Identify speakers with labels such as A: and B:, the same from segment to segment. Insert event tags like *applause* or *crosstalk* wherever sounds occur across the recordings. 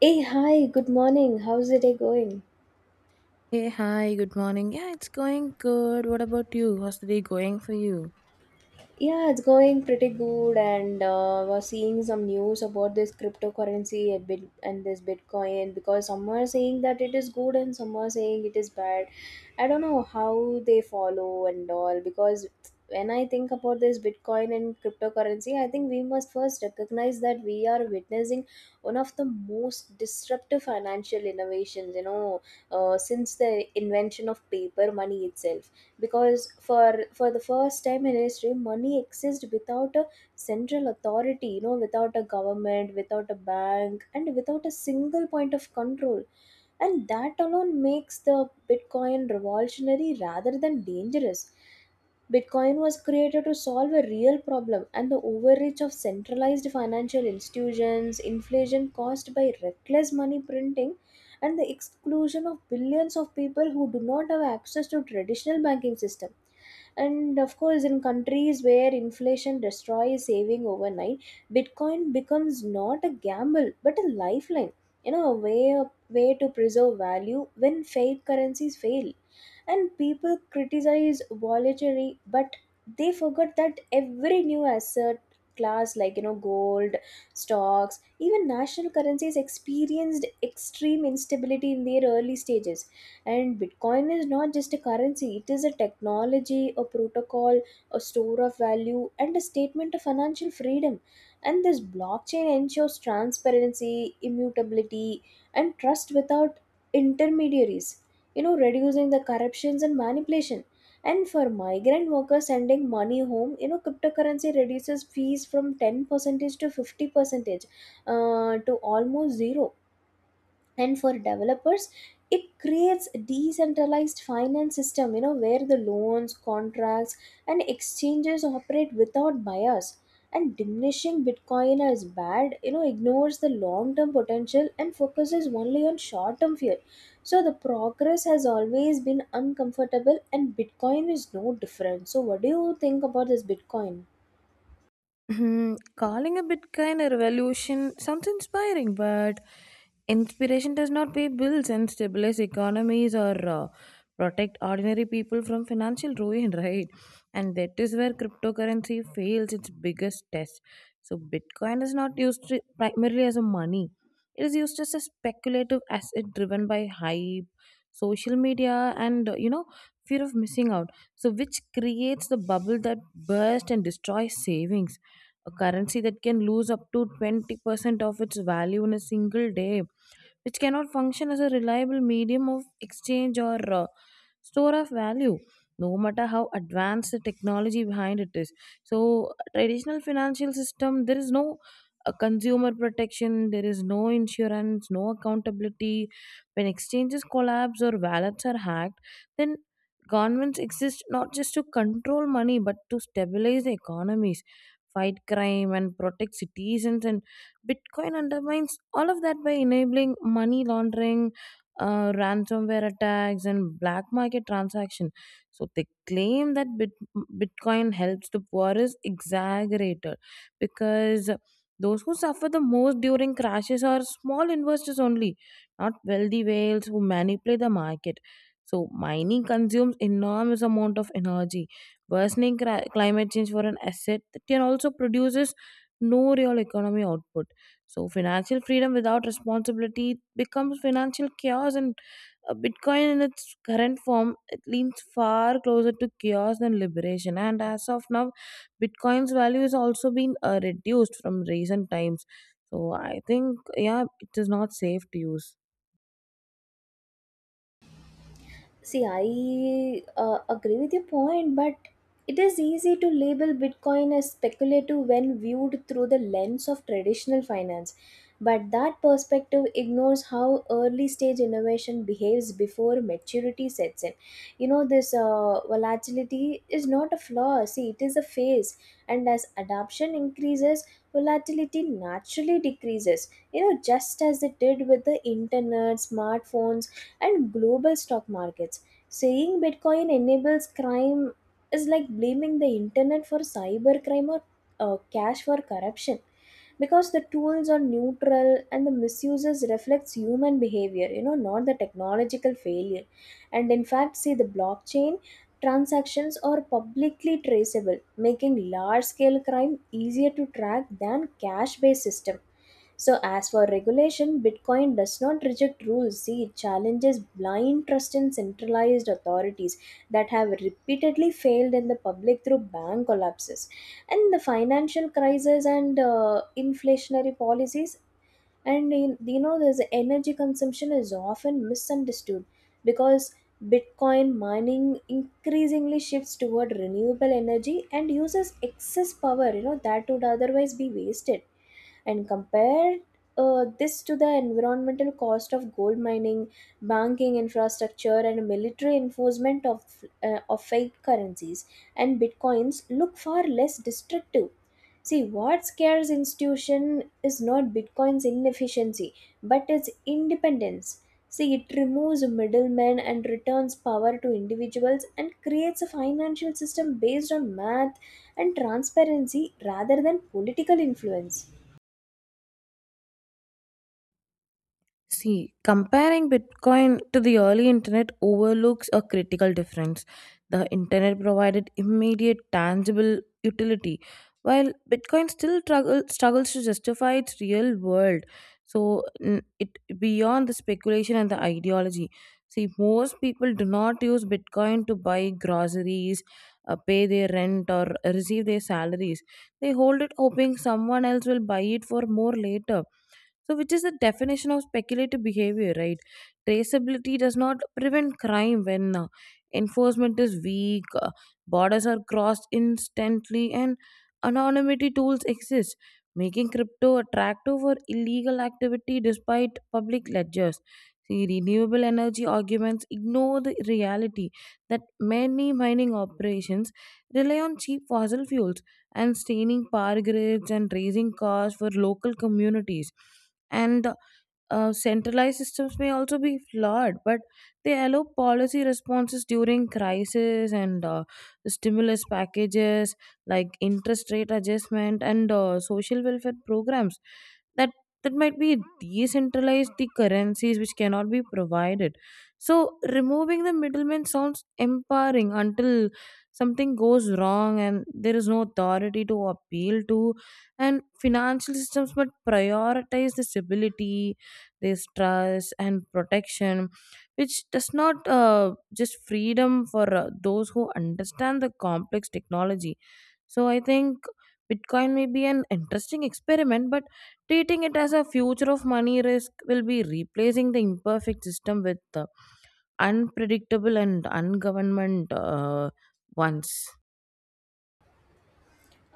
A: Hey, hi, good morning. How's the day going?
B: Hey, hi, good morning. Yeah, it's going good. What about you? How's the day going for you?
A: Yeah, it's going pretty good, and was seeing some news about this cryptocurrency and this Bitcoin because some are saying that it is good and some are saying it is bad. I don't know how they follow and all because when I think about this Bitcoin and cryptocurrency, I think we must first recognize that we are witnessing one of the most disruptive financial innovations, since the invention of paper money itself because for the first time in history money exists without a central authority, you know, without a government, without a bank, and without a single point of control, and that alone makes the bitcoin revolutionary rather than dangerous. Bitcoin was created to solve a real problem and the overreach of centralized financial institutions, inflation caused by reckless money printing, and the exclusion of billions of people who do not have access to traditional banking system, and of course in countries where inflation destroys saving overnight, bitcoin becomes not a gamble but a lifeline, you know, a way to preserve value when fake currencies fail. And people criticize volatility, but they forgot that every new asset class, like you know gold, stocks, even national currencies, experienced extreme instability in their early stages. And Bitcoin is not just a currency, it is a technology, a protocol, a store of value, and a statement of financial freedom. And this blockchain ensures transparency, immutability, and trust without intermediaries, you know, reducing the corruptions and manipulation. And for migrant workers sending money home, you know, cryptocurrency reduces fees from 10% to 50%, to almost zero, and for developers it creates a decentralized finance system, you know, where the loans, contracts, and exchanges operate without bias, and diminishing bitcoin as bad, you know, ignores the long term potential and focuses only on short term fear. So the progress has always been uncomfortable and bitcoin is no different. So what do you think about this bitcoin?
B: Hmm, calling a Bitcoin a revolution sounds inspiring, but inspiration does not pay bills and stabilize economies or protect ordinary people from financial ruin, *laughs* right? And that is where cryptocurrency fails its biggest test. So, Bitcoin is not primarily as a money, it is used as a speculative asset driven by hype, social media, and fear of missing out. So, which creates the bubble that bursts and destroys savings, a currency that can lose up to 20% of its value in a single day, which cannot function as a reliable medium of exchange or store of value no matter how advanced the technology behind it is. So traditional financial system, there is no consumer protection, there is no insurance, no accountability when exchanges collapse or wallets are hacked. Then governments exist not just to control money but to stabilize the economies, fight crime and protect citizens, and Bitcoin undermines all of that by enabling money laundering, ransomware attacks and black market transaction. So the claim that Bitcoin helps the poor is exaggerated because those who suffer the most during crashes are small investors only, not wealthy whales who manipulate the market. So mining consumes enormous amount of energy, worsening climate change for an asset that can also produces no real economy output. So financial freedom without responsibility becomes financial chaos, and Bitcoin in its current form it leans far closer to chaos than liberation. And as of now, Bitcoin's value has also been reduced from recent times. So I think yeah, it is not safe to use.
A: See, I agree with your point, but it is easy to label Bitcoin as speculative when viewed through the lens of traditional finance. But that perspective ignores how early stage innovation behaves before maturity sets in. You know, this volatility is not a flaw, see, it is a phase. And as adoption increases, volatility naturally decreases, you know, just as it did with the internet, smartphones, and global stock markets. Saying Bitcoin enables crime is like blaming the internet for cybercrime or cash for corruption, because the tools are neutral and the misuses reflects human behavior, you know, not the technological failure. And in fact, see, the blockchain transactions are publicly traceable, making large scale crime easier to track than cash based system. So, as for regulation, Bitcoin does not reject rules. See, it challenges blind trust in centralized authorities that have repeatedly failed in the public through bank collapses. And the financial crisis and inflationary policies, and you know this energy consumption is often misunderstood, because bitcoin mining increasingly shifts toward renewable energy and uses excess power, you know, that would otherwise be wasted. And compare this to the environmental cost of gold mining, banking infrastructure, and military enforcement of of fake currencies, and bitcoins look far less destructive. See, what scares institution is not Bitcoin's inefficiency, but its independence. See, it removes middlemen and returns power to individuals and creates a financial system based on math and transparency rather than political influence.
B: See, comparing Bitcoin to the early internet overlooks a critical difference. The internet provided immediate, tangible utility, while Bitcoin struggles to justify its real world. So, it beyond the speculation and the ideology. See, most people do not use Bitcoin to buy groceries, pay their rent, or receive their salaries. They hold it hoping someone else will buy it for more later, so, which is the definition of speculative behavior, right? Traceability does not prevent crime when enforcement is weak, borders are crossed instantly, and anonymity tools exist, making crypto attractive for illegal activity despite public ledgers. See, renewable energy arguments ignore the reality that many mining operations rely on cheap fossil fuels and staining power grids and raising costs for local communities, and centralized systems may also be flawed, but they allow policy responses during crisis and stimulus packages like interest rate adjustment and social welfare programs that that might be decentralized, the currencies which cannot be provided. So removing the middleman sounds empowering until something goes wrong and there is no authority to appeal to, and financial systems but prioritize the stability, this trust and protection, which does not just freedom for those who understand the complex technology. So I think Bitcoin may be an interesting experiment but treating it as a future of money risk will be replacing the imperfect system with the unpredictable and ungovernment ones.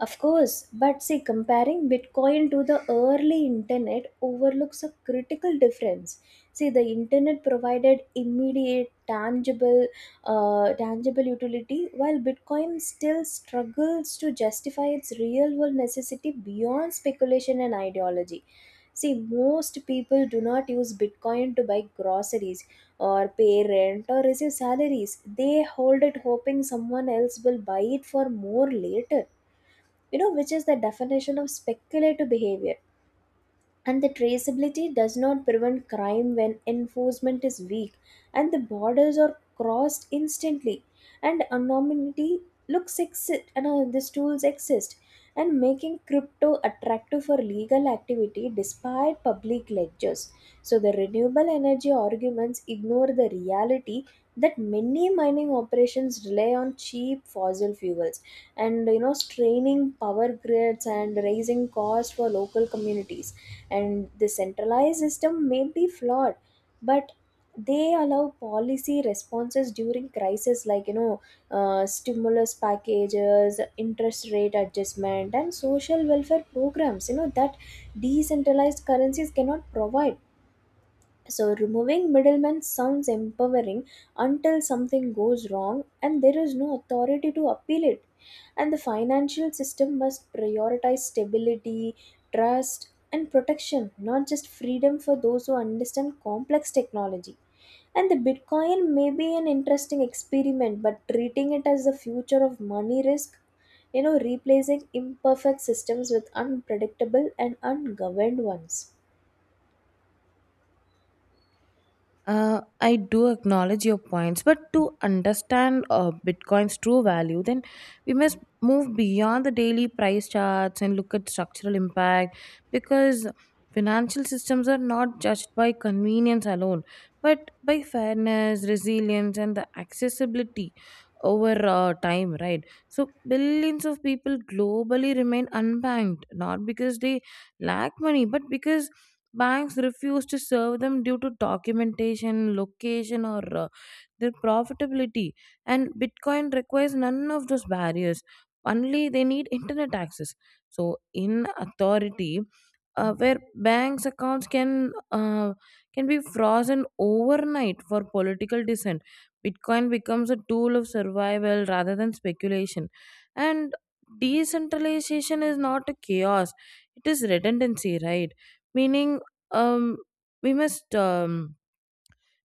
A: Of course, but see, comparing Bitcoin to the early internet overlooks a critical difference. See, the internet provided immediate, tangible, tangible utility, while Bitcoin still struggles to justify its real-world necessity beyond speculation and ideology. See, most people do not use Bitcoin to buy groceries or pay rent or receive salaries. They hold it hoping someone else will buy it for more later, you know, which is the definition of speculative behavior. And the traceability does not prevent crime when enforcement is weak and the borders are crossed instantly, and anonymity looks exist, and these tools exist, and making crypto attractive for legal activity despite public ledgers. So the renewable energy arguments ignore the reality that many mining operations rely on cheap fossil fuels, and you know, straining power grids and raising costs for local communities. And the centralized system may be flawed, but they allow policy responses during crisis, like you know stimulus packages, interest rate adjustment, and social welfare programs, you know, that decentralized currencies cannot provide. So, removing middlemen sounds empowering until something goes wrong and there is no authority to appeal it. And the financial system must prioritize stability, trust, and protection, not just freedom for those who understand complex technology. And the Bitcoin may be an interesting experiment, but treating it as the future of money risk, you know, replacing imperfect systems with unpredictable and ungoverned ones.
B: I do acknowledge your points, but to understand Bitcoin's true value, then we must move beyond the daily price charts and look at structural impact because financial systems are not judged by convenience alone, but by fairness, resilience, and the accessibility over time, right? So, billions of people globally remain unbanked not because they lack money, but because banks refuse to serve them due to documentation, location, or their profitability. And Bitcoin requires none of those barriers. Only they need internet access. So, in authority, where banks accounts can be frozen overnight for political dissent, Bitcoin becomes a tool of survival rather than speculation. And decentralization is not a chaos, it is redundancy, right? Meaning, um we must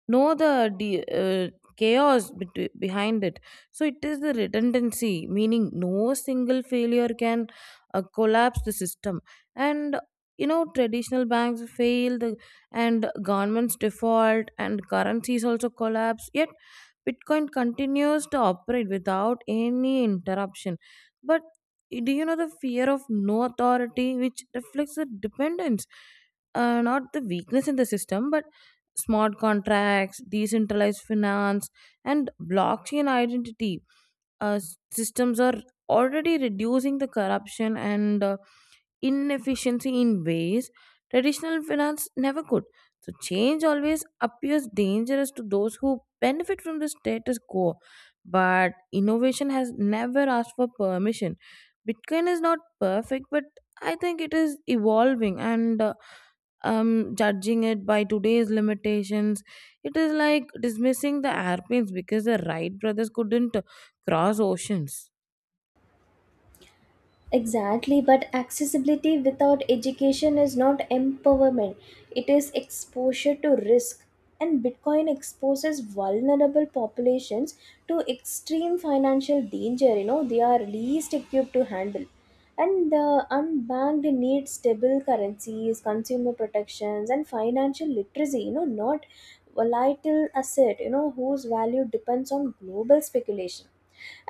B: know the chaos behind it. So it is the redundancy, meaning no single failure can collapse the system. And you know, traditional banks failed, and governments default, and currencies also collapse. Yet Bitcoin continues to operate without any interruption. But do you know the fear of no authority, which reflects the dependence, not the weakness in the system, but smart contracts, decentralized finance, and blockchain identity uh, systems are already reducing the corruption and inefficiency in ways traditional finance never could. So, change always appears dangerous to those who benefit from the status quo. But innovation has never asked for permission. Bitcoin is not perfect, but I think it is evolving, and judging it by today's limitations, it is like dismissing the airplanes because the Wright brothers couldn't cross oceans.
A: Exactly, but accessibility without education is not empowerment, it is exposure to risk. And Bitcoin exposes vulnerable populations to extreme financial danger, you know, they are least equipped to handle. And the unbanked need stable currencies, consumer protections, and financial literacy, you know, not volatile asset, you know, whose value depends on global speculation.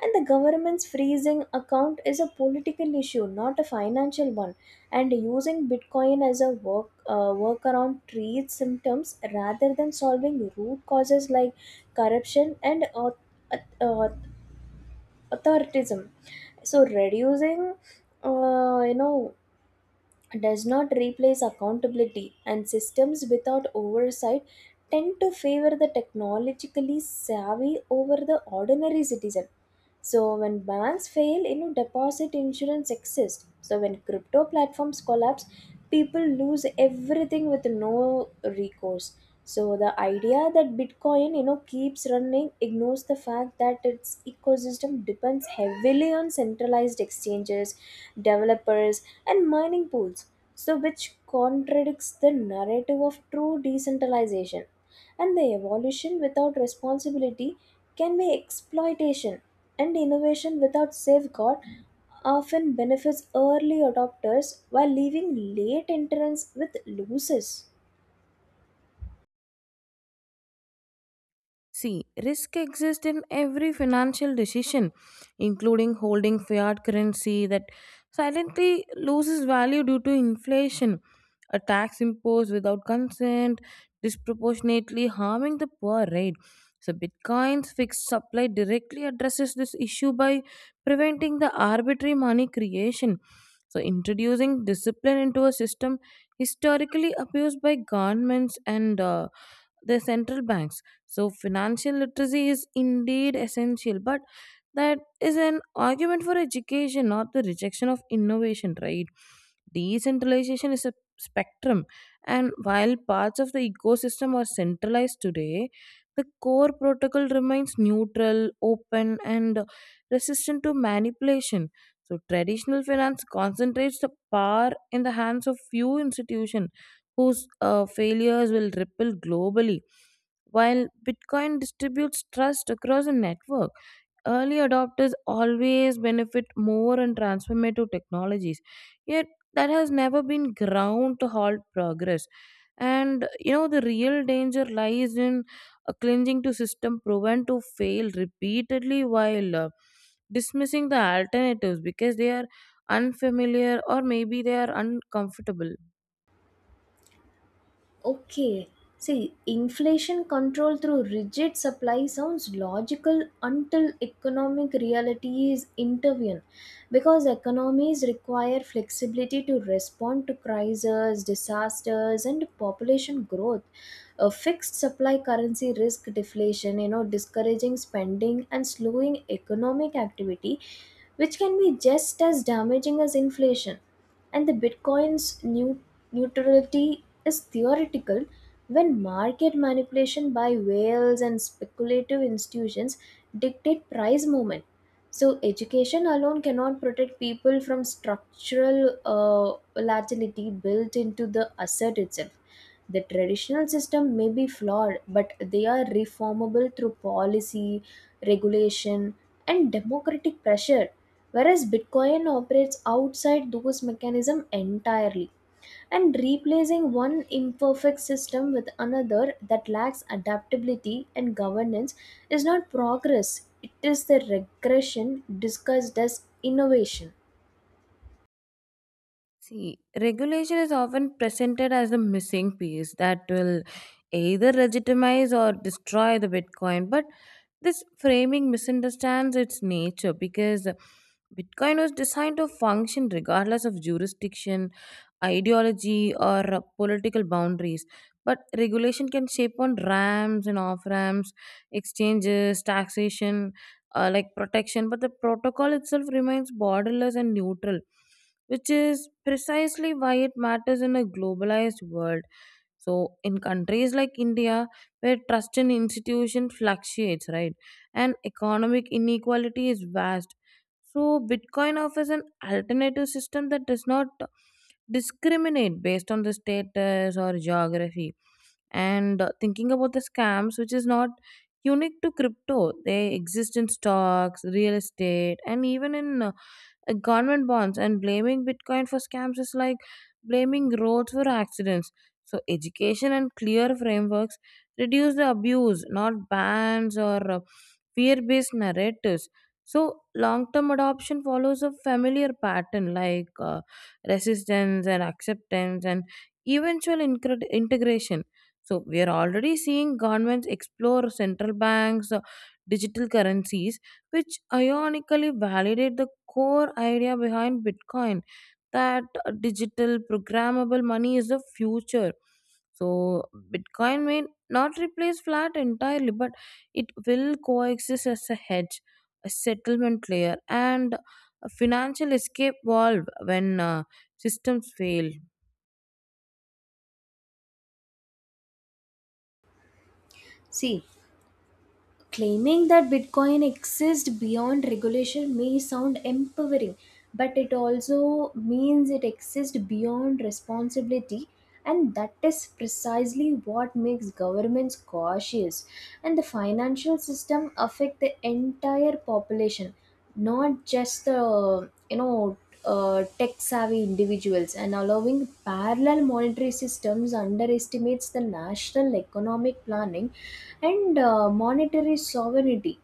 A: And the government's freezing account is a political issue, not a financial one. And using Bitcoin as a workaround treats symptoms rather than solving root causes like corruption and auth- auth- authoritarianism. So reducing, you know, does not replace accountability, and systems without oversight tend to favor the technologically savvy over the ordinary citizen. So, when banks fail, you know, deposit insurance exists. So, when crypto platforms collapse, people lose everything with no recourse. So, the idea that Bitcoin, you know, keeps running ignores the fact that its ecosystem depends heavily on centralized exchanges, developers, and mining pools, so which contradicts the narrative of true decentralization. And the evolution without responsibility can be exploitation, and innovation without safeguard often benefits early adopters while leaving late entrants with losers.
B: See, risk exists in every financial decision, including holding fiat currency that silently loses value due to inflation, a tax imposed without consent, disproportionately harming the poor, right? So, Bitcoin's fixed supply directly addresses this issue by preventing the arbitrary money creation. So, introducing discipline into a system historically abused by governments and the central banks. So financial literacy is indeed essential, but that is an argument for education, not the rejection of innovation, right? Decentralization is a spectrum, and while parts of the ecosystem are centralized today, the core protocol remains neutral, open, and resistant to manipulation. So traditional finance concentrates the power in the hands of few institutions whose failures will ripple globally. While Bitcoin distributes trust across a network, early adopters always benefit more in transformative technologies. Yet, that has never been ground to halt progress. And you know, the real danger lies in clinging to system proven to fail repeatedly while dismissing the alternatives because they are unfamiliar or maybe they are uncomfortable.
A: Okay. See, inflation control through rigid supply sounds logical until economic realities intervene, because economies require flexibility to respond to crises, disasters, and population growth. A fixed supply currency risk deflation, you know, discouraging spending and slowing economic activity, which can be just as damaging as inflation. And the bitcoin's new neutrality is theoretical when market manipulation by whales and speculative institutions dictate price movement. So, education alone cannot protect people from structural volatility built into the asset itself. The traditional system may be flawed, but they are reformable through policy, regulation, and democratic pressure. Whereas Bitcoin operates outside those mechanisms entirely, and replacing one imperfect system with another that lacks adaptability and governance is not progress, it is the regression discussed as innovation.
B: See, regulation is often presented as the missing piece that will either legitimize or destroy the Bitcoin. But this framing misunderstands its nature because Bitcoin was designed to function regardless of jurisdiction, ideology, or political boundaries. But regulation can shape on ramps and off ramps, exchanges, taxation, like protection. But the protocol itself remains borderless and neutral, which is precisely why it matters in a globalized world. So in countries like India, where trust in institutions fluctuates, right, and economic inequality is vast, so Bitcoin offers an alternative system that does not discriminate based on the status or geography. And thinking about the scams, which is not unique to crypto, they exist in stocks, real estate, and even in government bonds. And blaming Bitcoin for scams is like blaming roads for accidents. So education and clear frameworks reduce the abuse, not bans or fear based narratives. So long term adoption follows a familiar pattern like resistance and acceptance and eventual integration. So we are already seeing governments explore central banks digital currencies, which ironically validate the core idea behind Bitcoin, that digital programmable money is the future. So Bitcoin may not replace flat entirely, but it will coexist as a hedge, a settlement layer, and a financial escape valve when systems fail.
A: See, claiming that Bitcoin exists beyond regulation may sound empowering, but it also means it exists beyond responsibility, and that is precisely what makes governments cautious. And the financial system affect the entire population, not just the, you know, tech savvy individuals, and allowing parallel monetary systems underestimates the national economic planning and monetary sovereignty.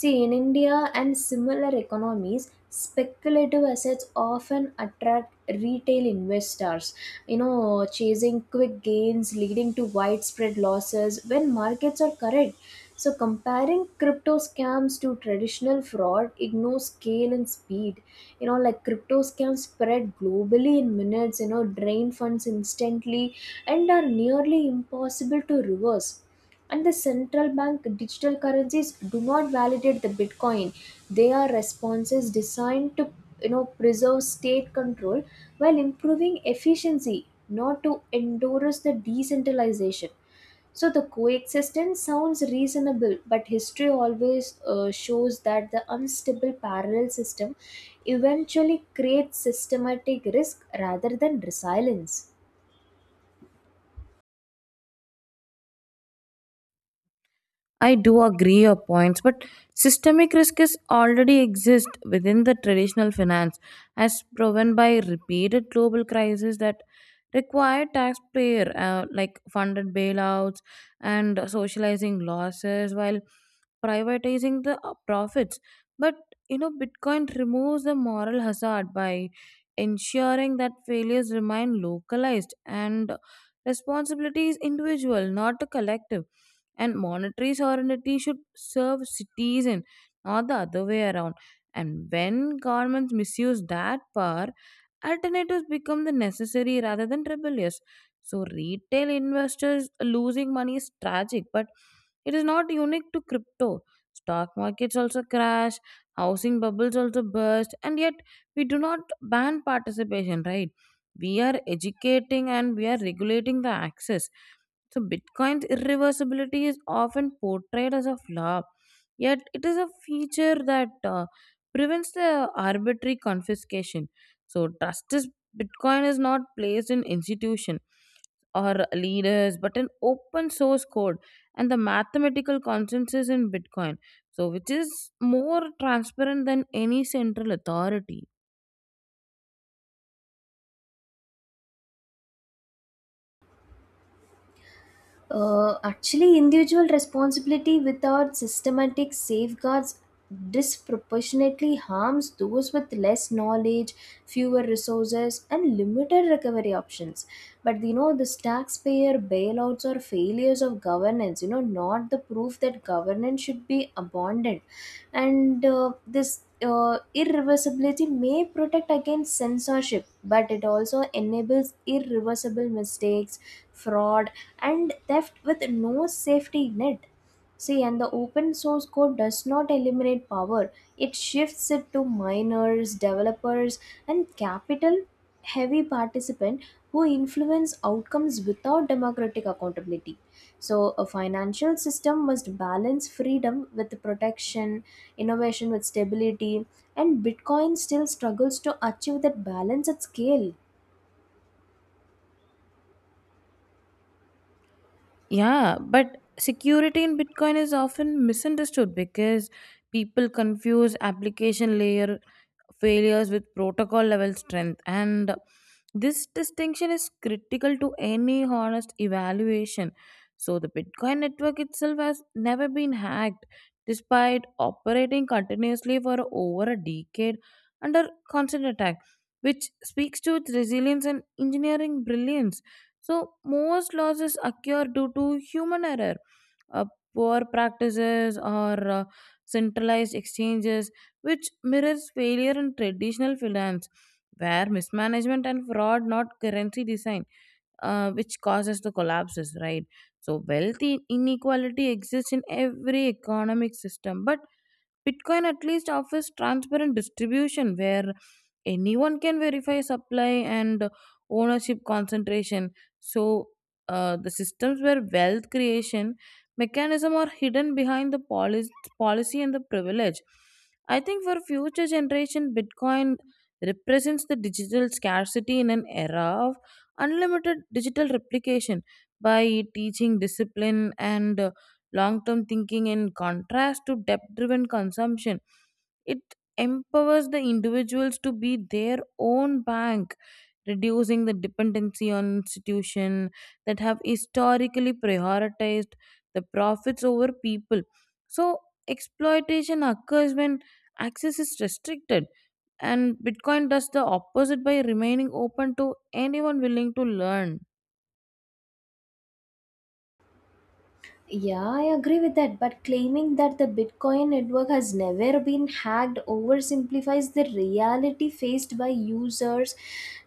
A: See, in india and similar economies speculative assets often attract retail investors, you know, chasing quick gains, leading to widespread losses when markets are correct. So comparing crypto scams to traditional fraud ignores scale and speed, you know, like cryptos can spread globally in minutes, you know, drain funds instantly, and are nearly impossible to reverse. And the central bank digital currencies do not validate the Bitcoin. They are responses designed to, you know, preserve state control while improving efficiency, not to endorse the decentralization. So the coexistence sounds reasonable, but history always shows that the unstable parallel system eventually creates systematic risk rather than resilience.
B: I do agree your points, but systemic risk is already exist within the traditional finance, as proven by repeated global crises that require taxpayer like funded bailouts and socializing losses while privatizing the profits. But you know, Bitcoin removes the moral hazard by ensuring that failures remain localized and responsibility is individual, not a collective. And monetary sovereignty should serve citizen, not the other way around. And when governments misuse that power, alternatives become the necessary rather than rebellious. So retail investors losing money is tragic but it is not unique to crypto. Stock markets also crash, housing bubbles also burst, and yet we do not ban participation, right? We are educating and we are regulating the access. So Bitcoin's irreversibility is often portrayed as a flaw, yet it is a feature that prevents the arbitrary confiscation. So trust is, Bitcoin is not placed in institution or leaders, but an open source code and the mathematical consensus in Bitcoin. So which is more transparent than any central authority.
A: Actually, individual responsibility without systematic safeguards disproportionately harms those with less knowledge, fewer resources, and limited recovery options. But you know, this taxpayer bailouts or failures of governance, you know, not the proof that governance should be abandoned. And this irreversibility may protect against censorship, but it also enables irreversible mistakes, fraud, and theft with no safety net. See, and the open source code does not eliminate power, it shifts it to miners, developers, and capital heavy participants who influence outcomes without democratic accountability. So, a financial system must balance freedom with protection, innovation with stability, and Bitcoin still struggles to achieve that balance at scale.
B: Yeah, but security in Bitcoin is often misunderstood because people confuse application layer failures with protocol level strength, and this distinction is critical to any honest evaluation. So the Bitcoin network itself has never been hacked despite operating continuously for over a decade under constant attack, which speaks to its resilience and engineering brilliance. So most losses occur due to human error, uh, poor practices or centralized exchanges, which mirrors failure in traditional finance, where mismanagement and fraud, not currency design, which causes the collapses, right? So, wealth inequality exists in every economic system, but Bitcoin at least offers transparent distribution where anyone can verify supply and ownership concentration. So the systems where wealth creation mechanism are hidden behind the policy and the privilege. I think for future generation, Bitcoin represents the digital scarcity in an era of unlimited digital replication by teaching discipline and long term thinking, in contrast to debt driven consumption, it empowers the individuals to be their own bank, reducing the dependency on institutions that have historically prioritized the profits over people. So, exploitation occurs when access is restricted, and Bitcoin does the opposite by remaining open to anyone willing to learn.
A: Yeah, I agree with that, but claiming that the Bitcoin network has never been hacked oversimplifies the reality faced by users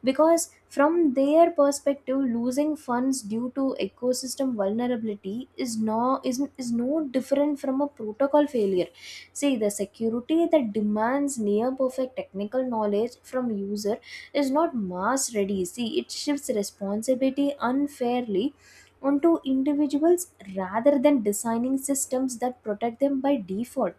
A: because, from their perspective, losing funds due to ecosystem vulnerability is no different from a protocol failure. See, the security that demands near perfect technical knowledge from user is not mass ready. See, it shifts responsibility unfairly onto individuals rather than designing systems that protect them by default.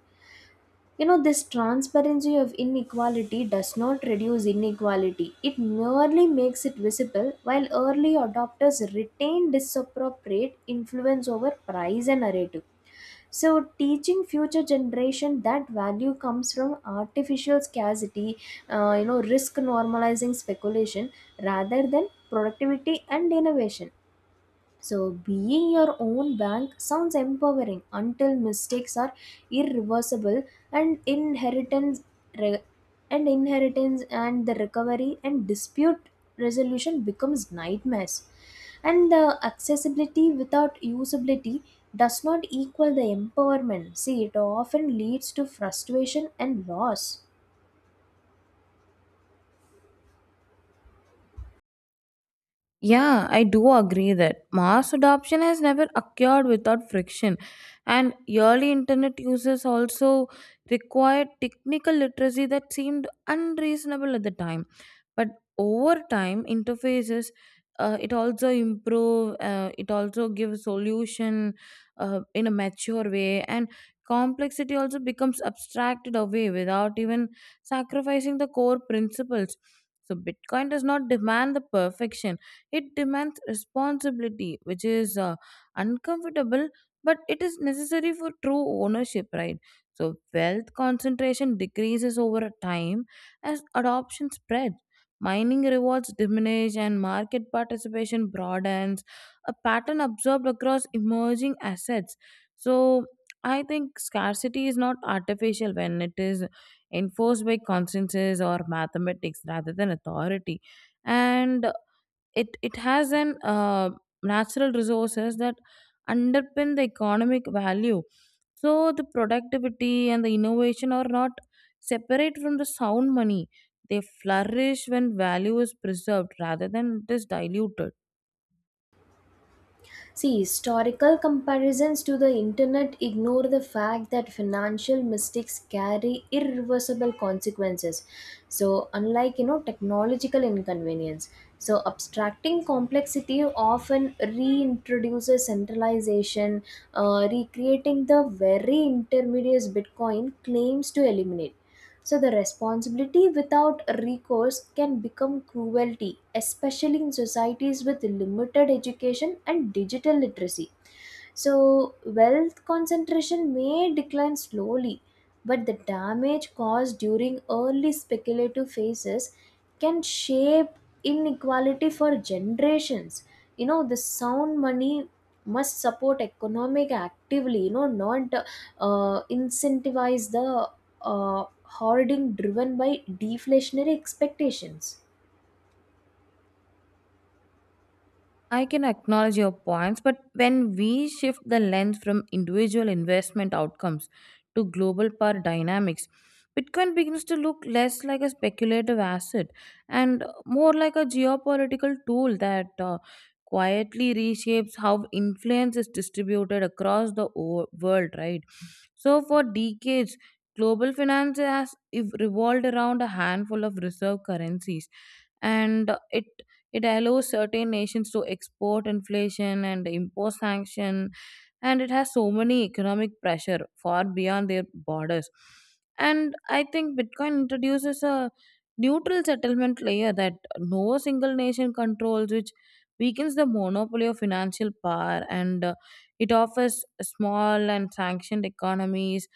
A: You know, this transparency of inequality does not reduce inequality, it merely makes it visible, while early adopters retain disappropriate influence over price and narrative. So, teaching future generation that value comes from artificial scarcity, you know, risk normalizing speculation rather than productivity and innovation. So, being your own bank sounds empowering until mistakes are irreversible and re- and inheritance and the recovery and dispute resolution becomes nightmares. And the accessibility without usability does not equal the empowerment. See, it often leads to frustration and loss.
B: Yeah, I do agree that mass adoption has never occurred without friction, and early internet users also required technical literacy that seemed unreasonable at the time. But over time, interfaces it also improve. It also gives solution in a mature way, and complexity also becomes abstracted away without even sacrificing the core principles. So Bitcoin does not demand the perfection, it demands responsibility, which is uncomfortable, but it is necessary for true ownership, right? So, wealth concentration decreases over a time as adoption spreads. Mining rewards diminish and market participation broadens, a pattern observed across emerging assets. So, I think scarcity is not artificial when it is enforced by consensus or mathematics rather than authority. And it has an natural resources that underpin the economic value. So the productivity and the innovation are not separate from the sound money, they flourish when value is preserved rather than it is diluted.
A: See, historical comparisons to the internet ignore the fact that financial mistakes carry irreversible consequences. So, unlike you know technological inconvenience, so abstracting complexity often reintroduces centralization, recreating the very intermediates Bitcoin claims to eliminate. So, the responsibility without recourse can become cruelty, especially in societies with limited education and digital literacy. So, wealth concentration may decline slowly, but the damage caused during early speculative phases can shape inequality for generations. You know, the sound money must support economic actively, you know, not incentivize the hoarding driven by deflationary expectations.
B: I can acknowledge your points, but when we shift the lens from individual investment outcomes to global power dynamics, Bitcoin begins to look less like a speculative asset and more like a geopolitical tool that quietly reshapes how influence is distributed across the world, right? So, for decades, global finance has revolved around a handful of reserve currencies, and it allows certain nations to export inflation and impose sanction, and it has so many economic pressure far beyond their borders. And I think Bitcoin introduces a neutral settlement layer that no single nation controls, which weakens the monopoly of financial power, and it offers small and sanctioned economies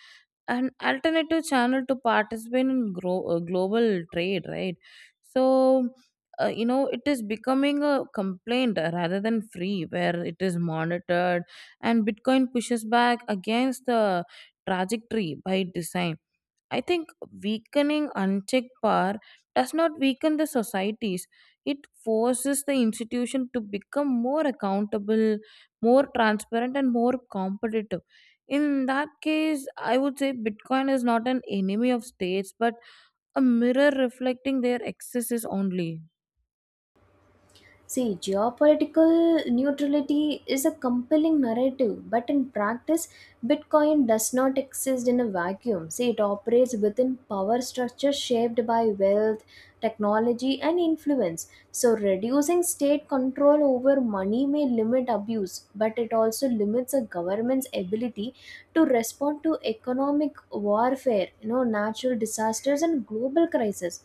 B: an alternative channel to participate in global trade, right? So you know, it is becoming a complaint rather than free where it is monitored, and Bitcoin pushes back against the trajectory by design. I think weakening unchecked power does not weaken the societies, it forces the institution to become more accountable, more transparent and more competitive. In that case, I would say Bitcoin is not an enemy of states but a mirror reflecting their excesses only.
A: See, geopolitical neutrality is a compelling narrative, but in practice, Bitcoin does not exist in a vacuum. See, it operates within power structures shaped by wealth, technology, and influence. So, reducing state control over money may limit abuse, but it also limits a government's ability to respond to economic warfare, you know, natural disasters, and global crises,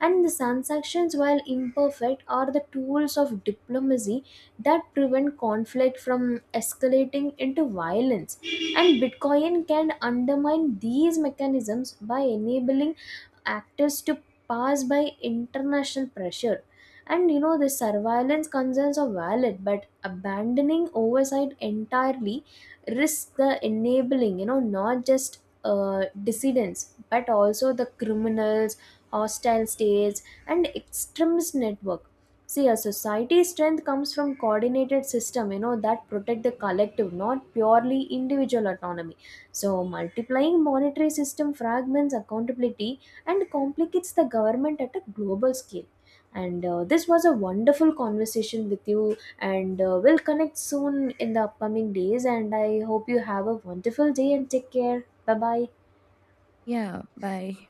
A: and the transactions while imperfect are the tools of diplomacy that prevent conflict from escalating into violence, and bitcoin can undermine these mechanisms by enabling actors to pass by international pressure. And you know the surveillance concerns are valid, but abandoning oversight entirely risks the enabling, you know, not just dissidents but also the criminals, hostile states, and extremist network. See, a society's strength comes from coordinated system, you know, that protect the collective, not purely individual autonomy. So, multiplying monetary system fragments accountability and complicates the government at a global scale. And this was a wonderful conversation with you, and we'll connect soon in the upcoming days. And I hope you have a wonderful day and take care. Bye bye.
B: Yeah, bye.